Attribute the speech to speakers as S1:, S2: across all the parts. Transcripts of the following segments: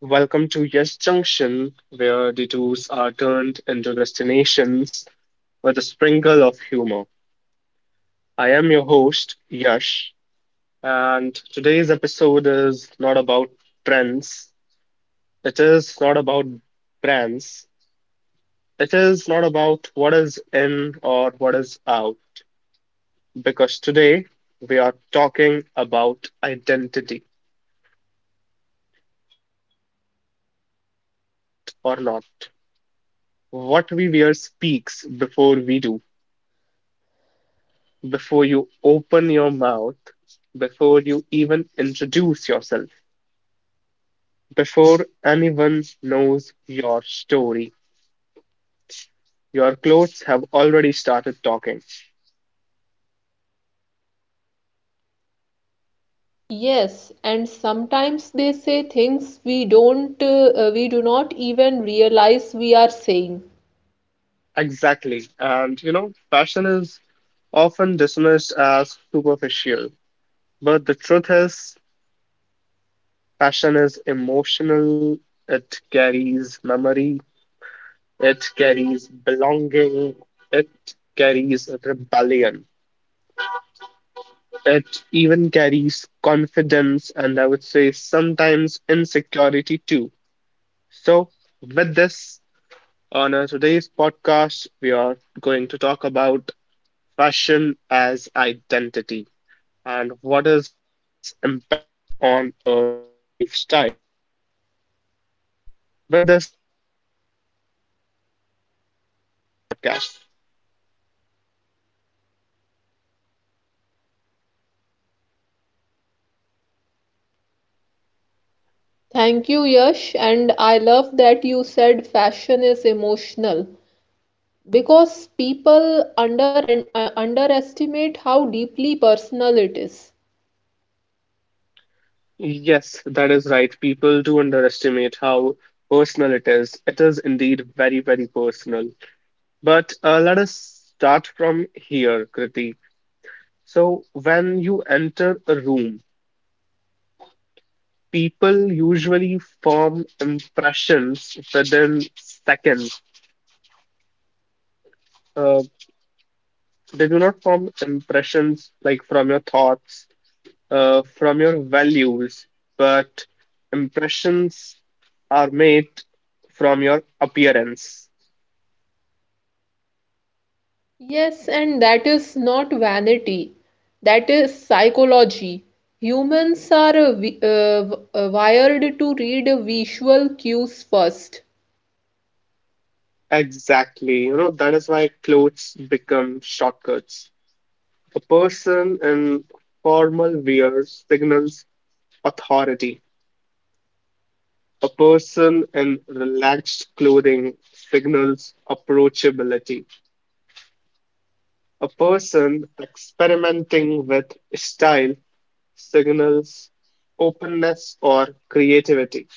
S1: Welcome to Yes Junction, where detours are turned into destinations with a sprinkle of humor. I am your host, Yash, and today's episode is not about trends, it is not about brands, it is not about what is in or what is out, because today we are talking about identity, whether we admit it or not. What we wear speaks before we do, before you open your mouth, before you even introduce yourself, before anyone knows your story. Your clothes have already started talking.
S2: Yes, and sometimes they say things we don't, we do not even realize we are saying.
S1: Exactly. And you know, fashion is often dismissed as superficial, but the truth is, fashion is emotional, it carries memory, it carries belonging, it carries rebellion. It even carries confidence and I would say sometimes insecurity too. So, with this, on our today's podcast, we are going to talk about fashion as identity and what is its impact on our lifestyle. So, with this, Kriti, I would like to welcome you back to my podcast.
S2: Thank you, Yash, and I love that you said fashion is emotional because people underestimate how deeply personal it is.
S1: Yes, that is right. People do underestimate how personal it is. It is indeed very, very personal. But let us start from here, Kriti. So, when you enter a room, people usually form impressions within seconds. Uh, they do not form impressions like from your thoughts, from your values, but impressions are made from your appearance.
S2: Yes, and that is not vanity. That is psychology. Humans are wired to read visual cues first.
S1: Exactly. You know, that is why clothes become shortcuts. A person in formal wear signals authority. A person in relaxed clothing signals approachability. A person experimenting with style signals openness or creativity.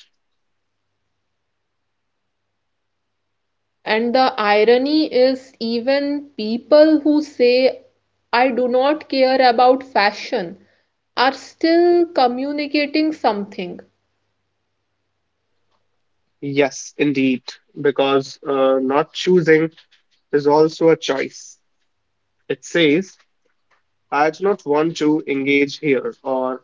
S2: And the irony is, even people who say, I do not care about fashion, are still communicating something.
S1: Yes, indeed, because not choosing is also a choice. It says, I do not want to engage here, or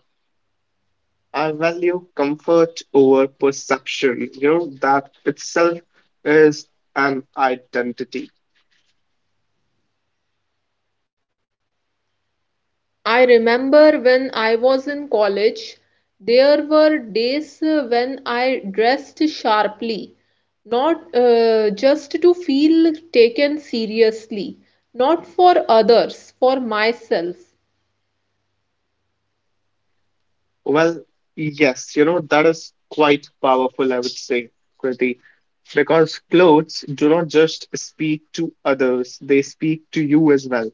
S1: I value comfort over perception. You know, that itself is an identity.
S2: I remember when I was in college, there were days when I dressed sharply, not just to feel taken seriously, not for others, for myself,
S1: Well, yes, you know, that is quite powerful, I would say, Kriti, because clothes do not just speak to others, they speak to you as well.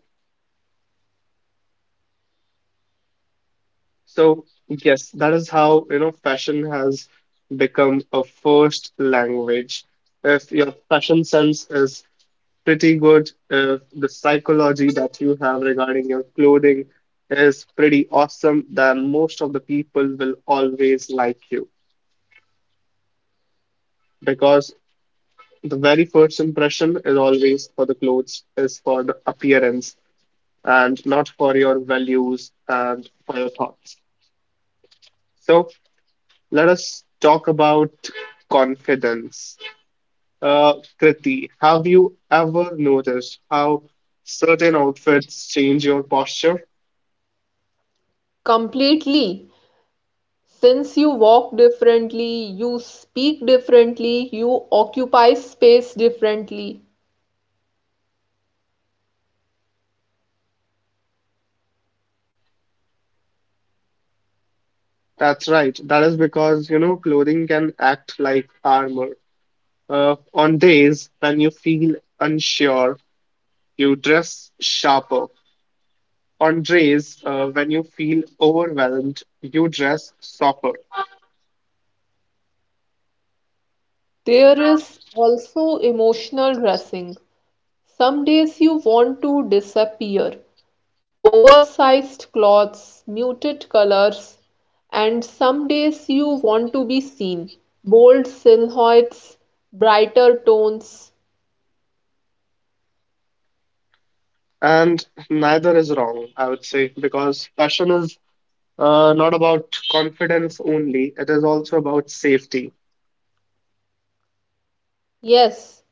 S1: So, yes, that is how, you know, fashion has become a first language. If your fashion sense is pretty good if the psychology that you have regarding your clothing is pretty awesome, then most of the people will always like you because the very first impression is always for the clothes, is for the appearance and not for your values and for your thoughts. So let us talk about confidence. Uh, Kriti, have you ever noticed how certain outfits change your posture?
S2: completely. Since you walk differently, you speak differently, you occupy space differently.
S1: That's right. That is because, you know, clothing can act like armor. On days when you feel unsure, you dress sharper. On days when you feel overwhelmed, you dress softer.
S2: There is also emotional dressing. Some days you want to disappear. Oversized clothes, muted colors, and some days you want to be seen. Bold silhouettes, brighter tones.
S1: And neither is wrong, I would say, because fashion is not about confidence only, it is also about safety.
S2: Yes,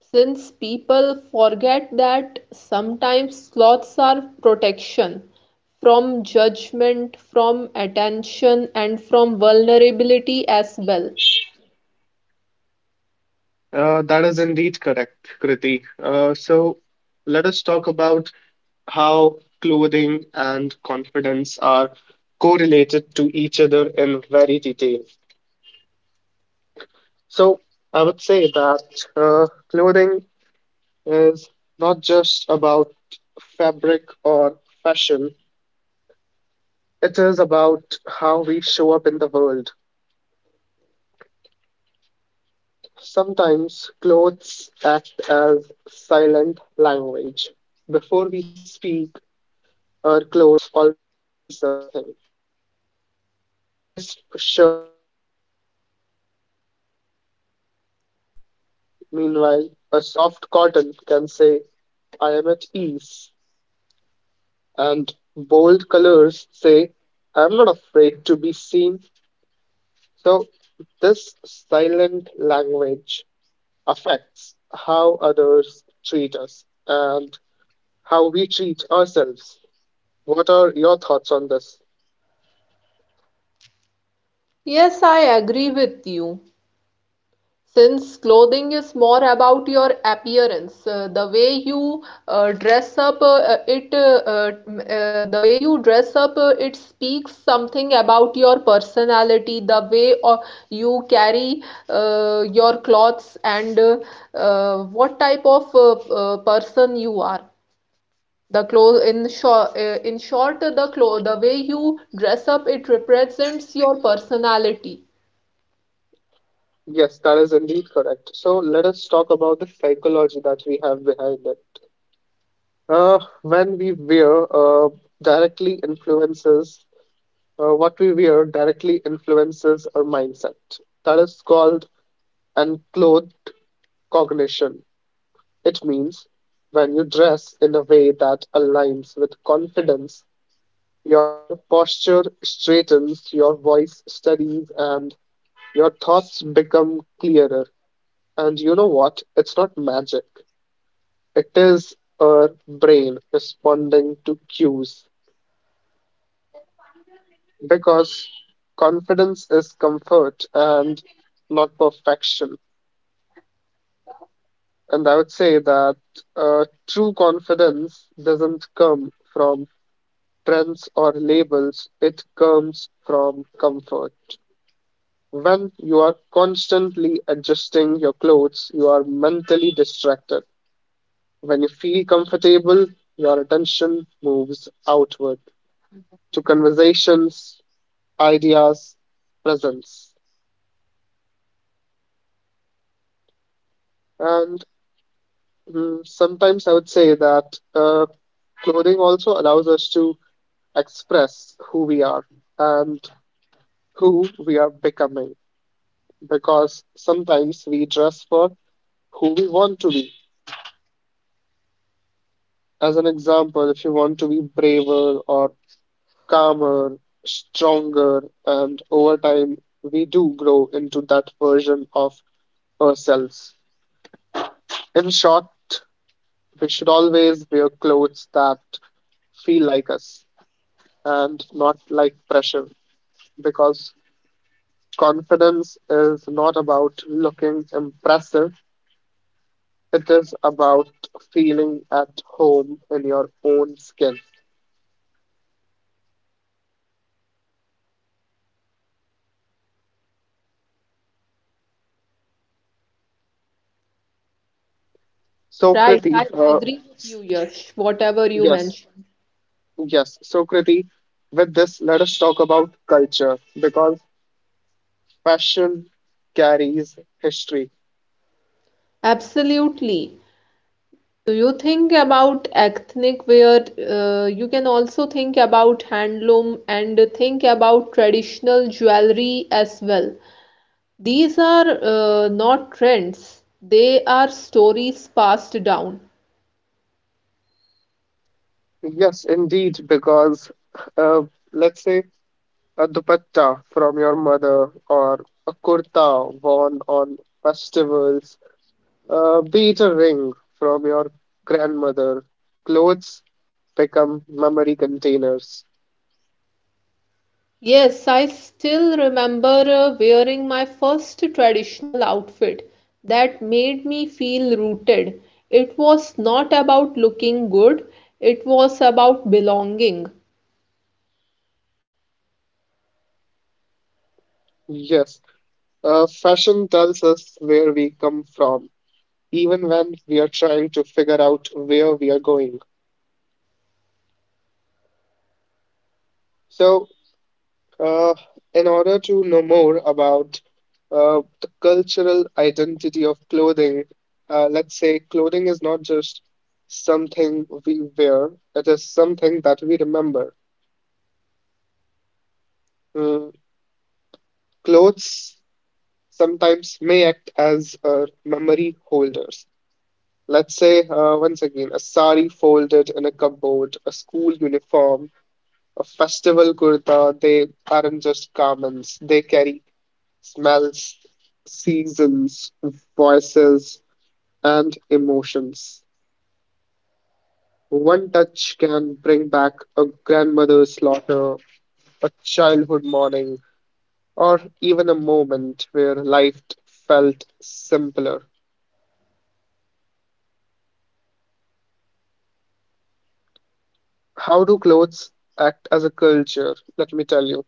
S2: since people forget that sometimes sloths are protection from judgment, from attention, and from vulnerability as well.
S1: That is indeed correct, Kriti. So let us talk about how clothing and confidence are correlated to each other in very detail. So, I would say that clothing is not just about fabric or fashion, it is about how we show up in the world. Sometimes clothes act as silent language. Before we speak, our clothes already say something, like a crisp shirt can say, I am ready. Meanwhile, a soft cotton can say, I am at ease, and bold colors say, I'm not afraid to be seen. So, this silent language affects how others treat us and how we treat ourselves. What are your thoughts on this?
S2: Yes, I agree with you. Since clothing is more about your appearance, the way you dress up, it the way you dress up, it speaks something about your personality, the way or you carry your clothes, and what type of person you are. The clothes, in short, the way you dress up, it represents your personality.
S1: Yes, that is indeed correct. So, let us talk about the psychology that we have behind it. When we wear directly influences what we wear directly influences our mindset. That is called unclothed cognition. It means when you dress in a way that aligns with confidence, your posture straightens, your voice steadies, and your thoughts become clearer. And you know what? It's not magic, it is our brain responding to cues because confidence is comfort and not perfection. And I would say that true confidence doesn't come from trends or labels, it comes from comfort. When you are constantly adjusting your clothes, you are mentally distracted. When you feel comfortable, your attention moves outward to conversations, ideas, presence. And sometimes I would say that clothing also allows us to express who we are and who we are becoming because sometimes we dress for who we want to be. As an example, if you want to be braver or calmer, stronger, and over time we do grow into that version of ourselves. In short, we should always wear clothes that feel like us and not like pressure because confidence is not about looking impressive. It is about feeling at home in your own skin. So,
S2: Right,
S1: Kriti,
S2: I agree with you, Yash, whatever you
S1: yes,
S2: mentioned.
S1: yes. So, Kriti, with this, let us talk about culture because fashion carries history.
S2: Absolutely. Do you think about ethnic wear? You can also think about handloom and think about traditional jewelry as well. These are not trends, they are stories passed down.
S1: Yes, indeed, because uh, let's say a dupatta from your mother or a kurta worn on festivals, be it a ring from your grandmother, clothes become memory containers.
S2: Yes, I still remember wearing my first traditional outfit that made me feel rooted. It was not about looking good, it was about belonging.
S1: Yes, fashion tells us where we come from, even when we are trying to figure out where we are going. So, uh, in order to know more about the cultural identity of clothing, let's say clothing is not just something we wear, it is something that we remember. Mm, Clothes sometimes may act as memory holders. Let's say, once again, a sari folded in a cupboard, a school uniform, a festival kurta, they aren't just garments, they carry smells, seasons, voices, and emotions. One touch can bring back a grandmother's slaughter, a childhood morning, or even a moment where life felt simpler. How do clothes act as a culture? Let me tell you.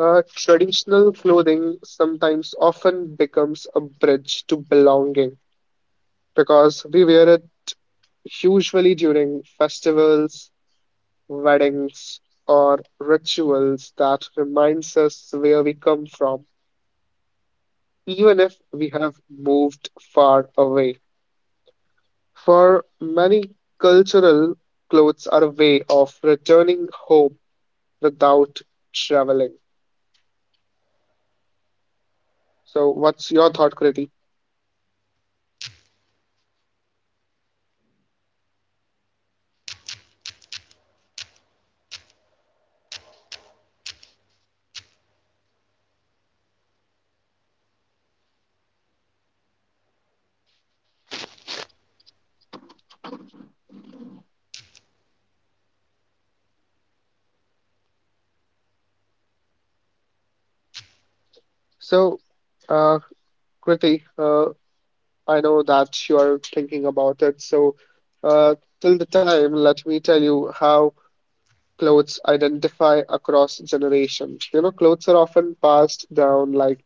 S1: Traditional clothing sometimes often becomes a bridge to belonging because we wear it usually during festivals, weddings, or rituals that reminds us where we come from, even if we have moved far away. For many cultural clothes are a way of returning home without traveling. So, what's your thought, Kriti? So, uh, Kriti, I know that you're thinking about it. So, uh, till the time, let me tell you how clothes identify across generations. You know, clothes are often passed down like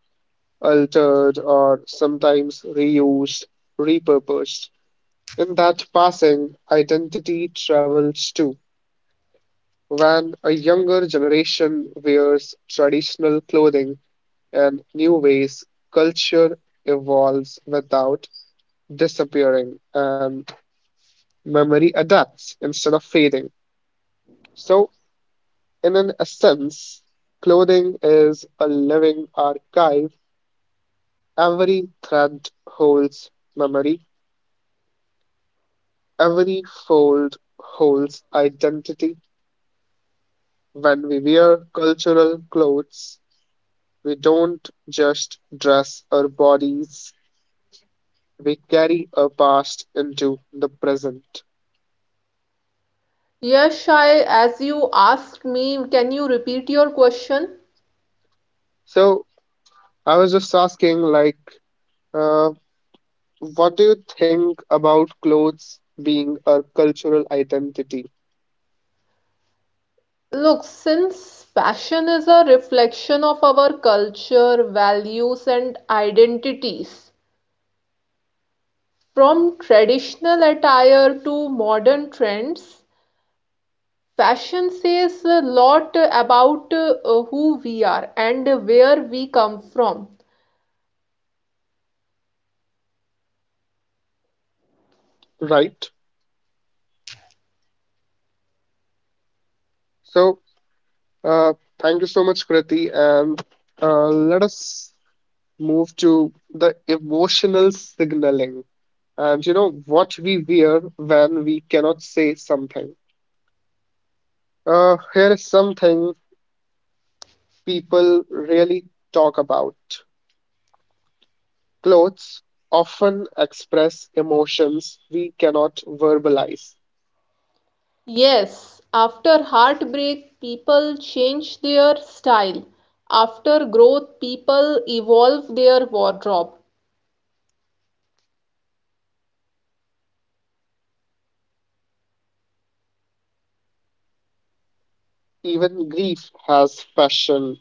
S1: altered or sometimes reused, repurposed. In that passing, identity travels too. When a younger generation wears traditional clothing and new ways, culture evolves without disappearing and memory adapts instead of fading. So, in an essence, clothing is a living archive. Every thread holds memory, every fold holds identity. When we wear cultural clothes, we don't just dress our bodies, we carry our past into the present.
S2: Yes, I, as you asked me, can you repeat your question?
S1: So, I was just asking, like, uh, What do you think about clothes being a cultural identity?
S2: Look, since fashion is a reflection of our culture, values, and identities, from traditional attire to modern trends, fashion says a lot about who we are and where we come from.
S1: Right. So, uh, thank you so much, Kriti. And let us move to the emotional signaling and, you know, what we wear when we cannot say something. Here is something people really talk about. Clothes often express emotions we cannot verbalize.
S2: Yes, after heartbreak, people change their style. After growth, people evolve their wardrobe.
S1: Even grief has fashion,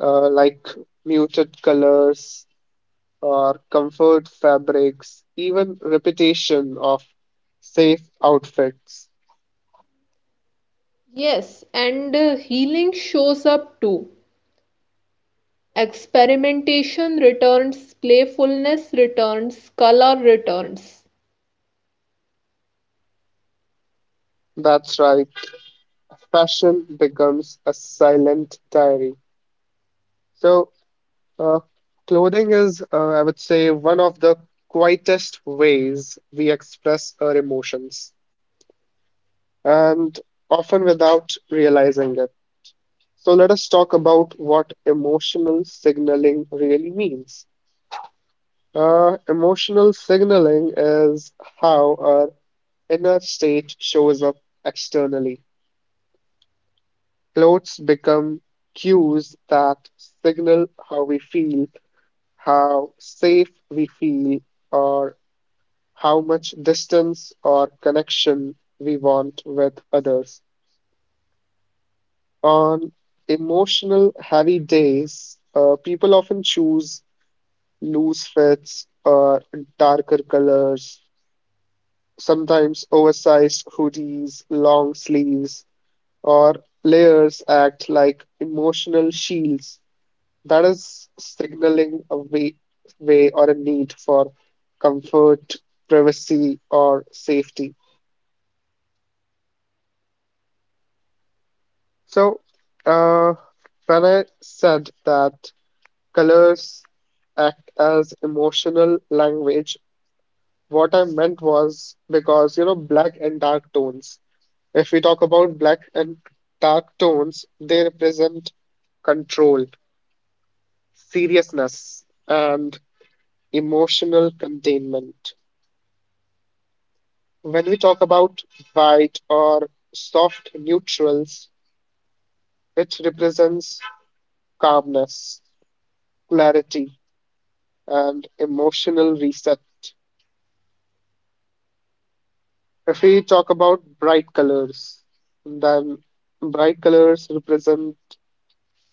S1: like muted colors or comfort fabrics, even repetition of safe outfits.
S2: Yes, and healing shows up too. Experimentation returns, playfulness returns, color returns.
S1: That's right, fashion becomes a silent diary. So, uh, clothing is, I would say, one of the quietest ways we express our emotions, and often without realizing it. So, let us talk about what emotional signaling really means. Emotional signaling is how our inner state shows up externally. Clothes become cues that signal how we feel, how safe we feel, or how much distance or connection we want with others. On emotional heavy days, people often choose loose fits or darker colors. Sometimes oversized hoodies, long sleeves, or layers act like emotional shields. That is signaling a way or a need for comfort, privacy, or safety. So, uh, when I said that colors act as emotional language, what I meant was because, you know, black and dark tones. If we talk about black and dark tones, they represent control, seriousness, and emotional containment. When we talk about white or soft neutrals, it represents calmness, clarity, and emotional reset. If we talk about bright colors, then bright colors represent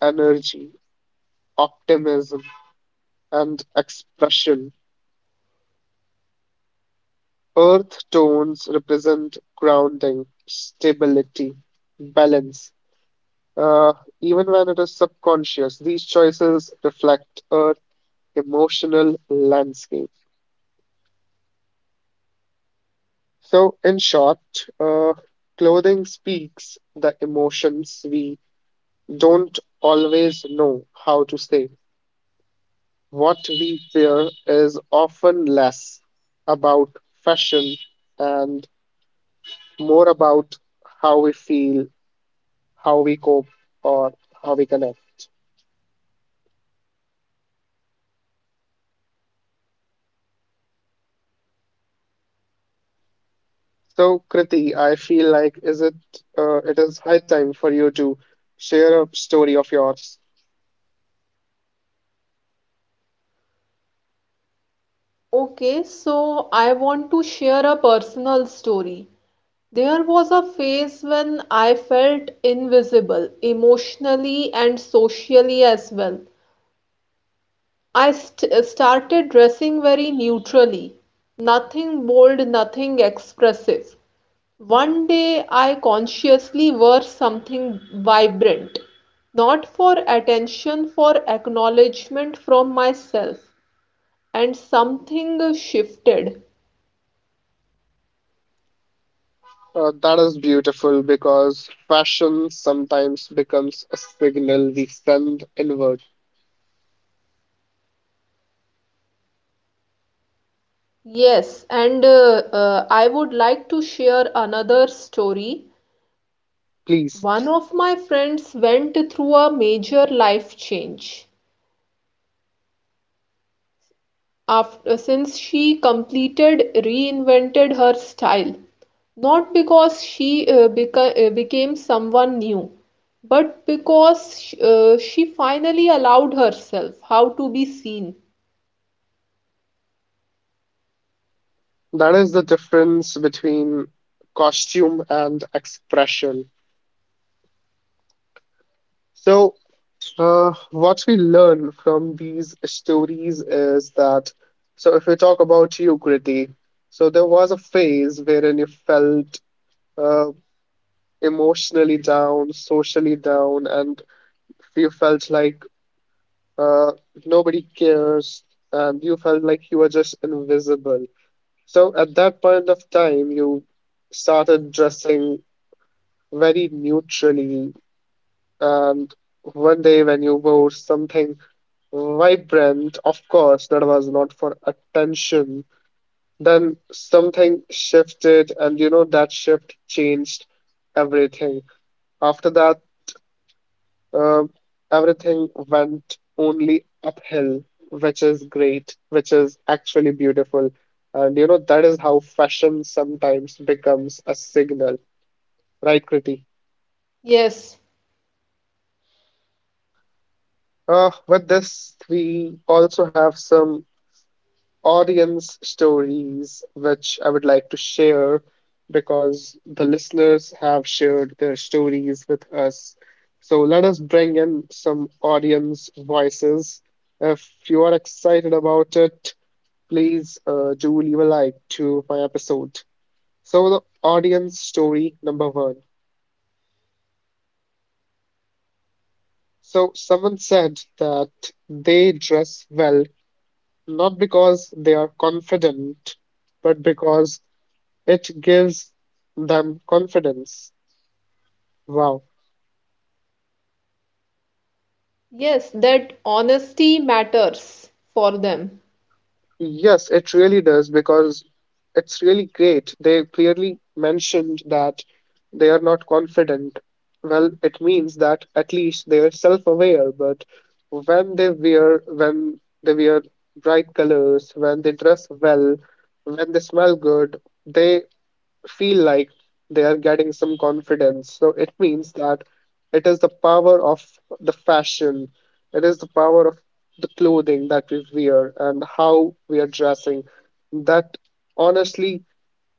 S1: energy, optimism, and expression. Earth tones represent grounding, stability, balance. Uh, Even when it is subconscious, these choices reflect our emotional landscape. So, in short, uh, clothing speaks the emotions we don't always know how to say. What we wear is often less about fashion and more about how we feel, how we cope, or how we connect. So, Kriti, I feel like is it it is high time for you to share a story of yours.
S2: Okay, so I want to share a personal story. There was a phase when I felt invisible, emotionally and socially as well. Started dressing very neutrally, nothing bold, nothing expressive. One day I consciously wore something vibrant, not for attention, for acknowledgement from myself, and something shifted.
S1: That is beautiful because fashion sometimes becomes a signal we send inward.
S2: Yes, and I would like to share another story.
S1: Please,
S2: One of my friends went through a major life change after since she completed reinvented her style, not because she became someone new, but because she finally allowed herself how to be seen.
S1: that is the difference between costume and expression. So, what we learn from these stories is that, so if we talk about you, Kriti, so there was a phase wherein you felt uh, emotionally down, socially down, and you felt like uh, nobody cares, and you felt like you were just invisible. So at that point of time, you started dressing very neutrally, and one day when you wore something vibrant, of course, that was not for attention. Then something shifted, and that shift changed everything. After that, uh, everything went only uphill, which is great, which is actually beautiful. And you know, that is how fashion sometimes becomes a signal, right, Kriti?
S2: Yes,
S1: With this, we also have some audience stories, which I would like to share because the listeners have shared their stories with us. So let us bring in some audience voices. If you are excited about it, please do leave a like to my episode. So, the audience story number one. So, someone said that they dress well not because they are confident, but because it gives them confidence. Wow.
S2: yes, that honesty matters for them.
S1: Yes, it really does because it's really great. They clearly mentioned that they are not confident. Well, it means that at least they are self-aware, but when they wear bright colors, when they dress well, when they smell good, they feel like they are getting some confidence. So it means that it is the power of the fashion, it is the power of the clothing that we wear and how we are dressing that honestly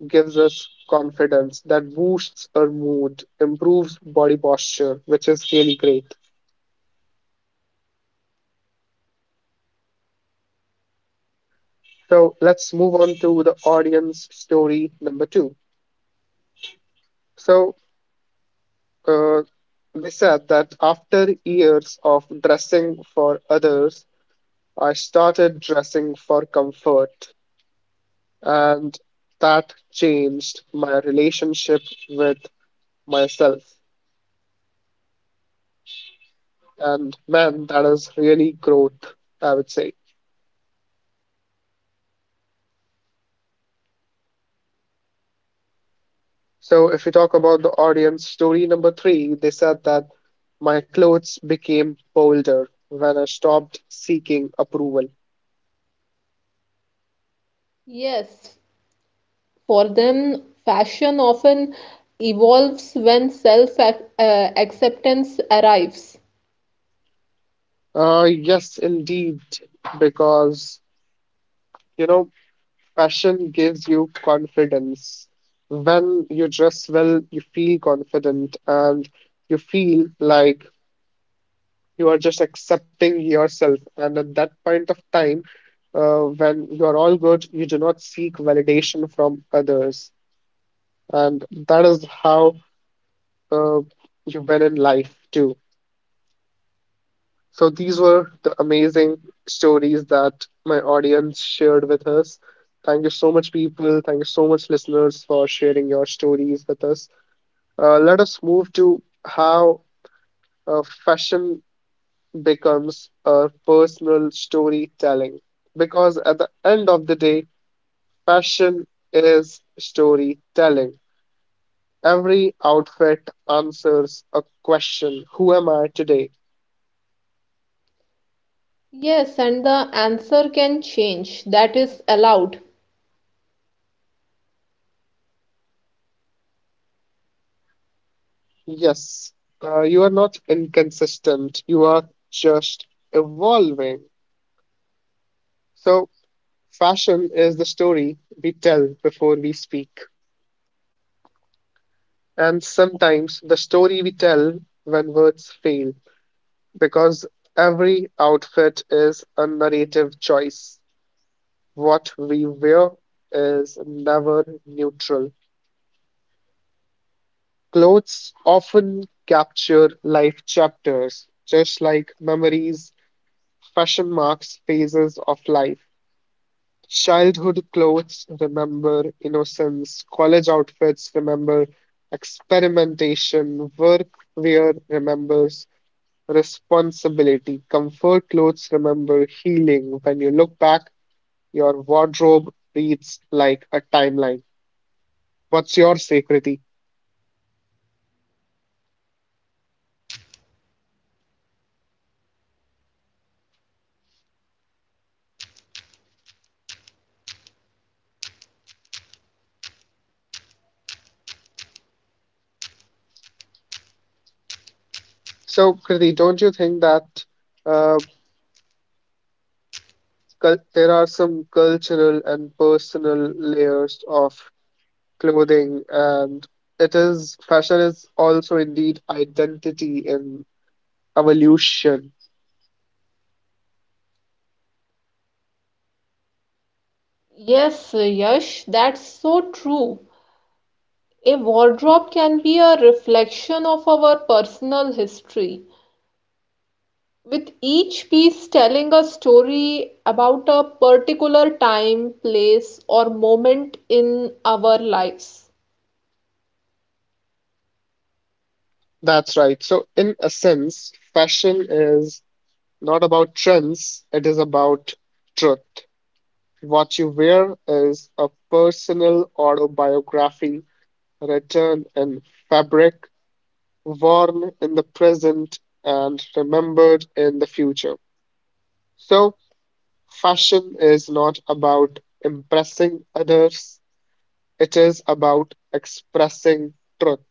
S1: gives us confidence, that boosts our mood, improves body posture, which is really great. So let's move on to the audience story number two. So, uh, they said that after years of dressing for others, I started dressing for comfort, and that changed my relationship with myself. And man, that is really growth, I would say. So, if you talk about the audience story number three, they said that my clothes became bolder when I stopped seeking approval.
S2: Yes, for them, fashion often evolves when self acceptance arrives.
S1: Yes, indeed, because you know passion gives you confidence. When you dress well, you feel confident and you feel like you are just accepting yourself. And at that point of time, when you are all good, you do not seek validation from others. And that is how uh, you win in life too. So these were the amazing stories that my audience shared with us. Thank you so much, people. Thank you so much, listeners, for sharing your stories with us. Let us move to how fashion becomes a personal storytelling. Because at the end of the day, fashion is storytelling. Every outfit answers a question: who am I today?
S2: Yes, and the answer can change. That is allowed.
S1: Yes, you are not inconsistent, you are just evolving. So, fashion is the story we tell before we speak, and sometimes the story we tell when words fail, because every outfit is a narrative choice. What we wear is never neutral. Clothes often capture life chapters, just like memories, fashion marks phases of life. Childhood clothes remember innocence, college outfits remember experimentation, work wear remembers responsibility, comfort clothes remember healing. When you look back, your wardrobe reads like a timeline. What's your say, Kriti? So, Kriti, don't you think that uh, there are some cultural and personal layers of clothing, and it is fashion is also indeed identity and evolution?
S2: Yes, Yash, that's so true. A wardrobe can be a reflection of our personal history, with each piece telling a story about a particular time, place, or moment in our lives.
S1: That's right. So, in a sense, fashion is not about trends, it is about truth. What you wear is a personal autobiography written in fabric, worn in the present, and remembered in the future. So, fashion is not about impressing others, it is about expressing truth,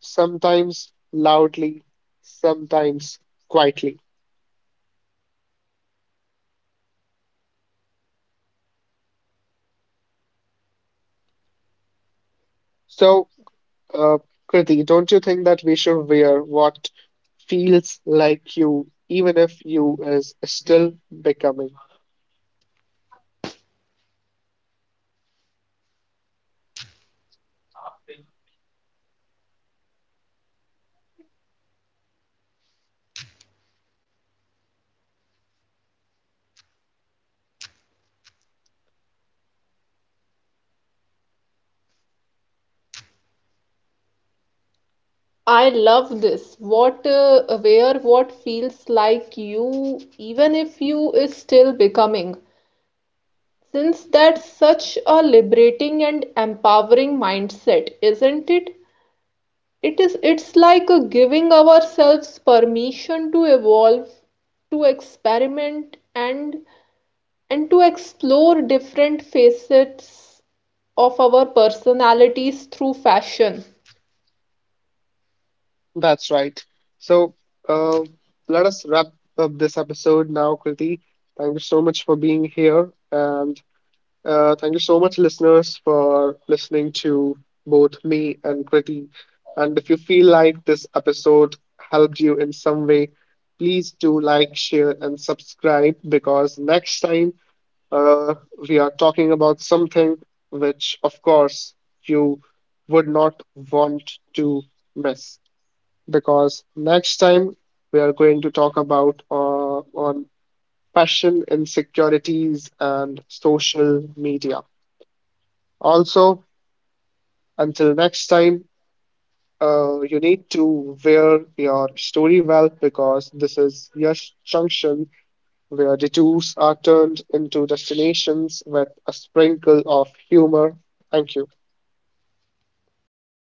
S1: sometimes loudly, sometimes quietly. So, uh, Kriti, don't you think that we should wear what feels like you, even if you is still becoming?
S2: I love this. What where what feels like you, even if you is still becoming. Since that's such a liberating and empowering mindset, isn't it? It is It's like giving ourselves permission to evolve, to experiment and to explore different facets of our personalities through fashion.
S1: That's right. So, uh, let us wrap up this episode now, Kriti. Thank you so much for being here. And thank you so much, listeners, for listening to both me and Kriti. And if you feel like this episode helped you in some way, please do like, share, and subscribe, because next time uh, we are talking about something which, of course, you would not want to miss. Because next time we are going to talk about on passion, insecurities, and social media. Also, until next time, you need to wear your story well, because this is Yash Junction, where detours are turned into destinations with a sprinkle of humor. Thank you.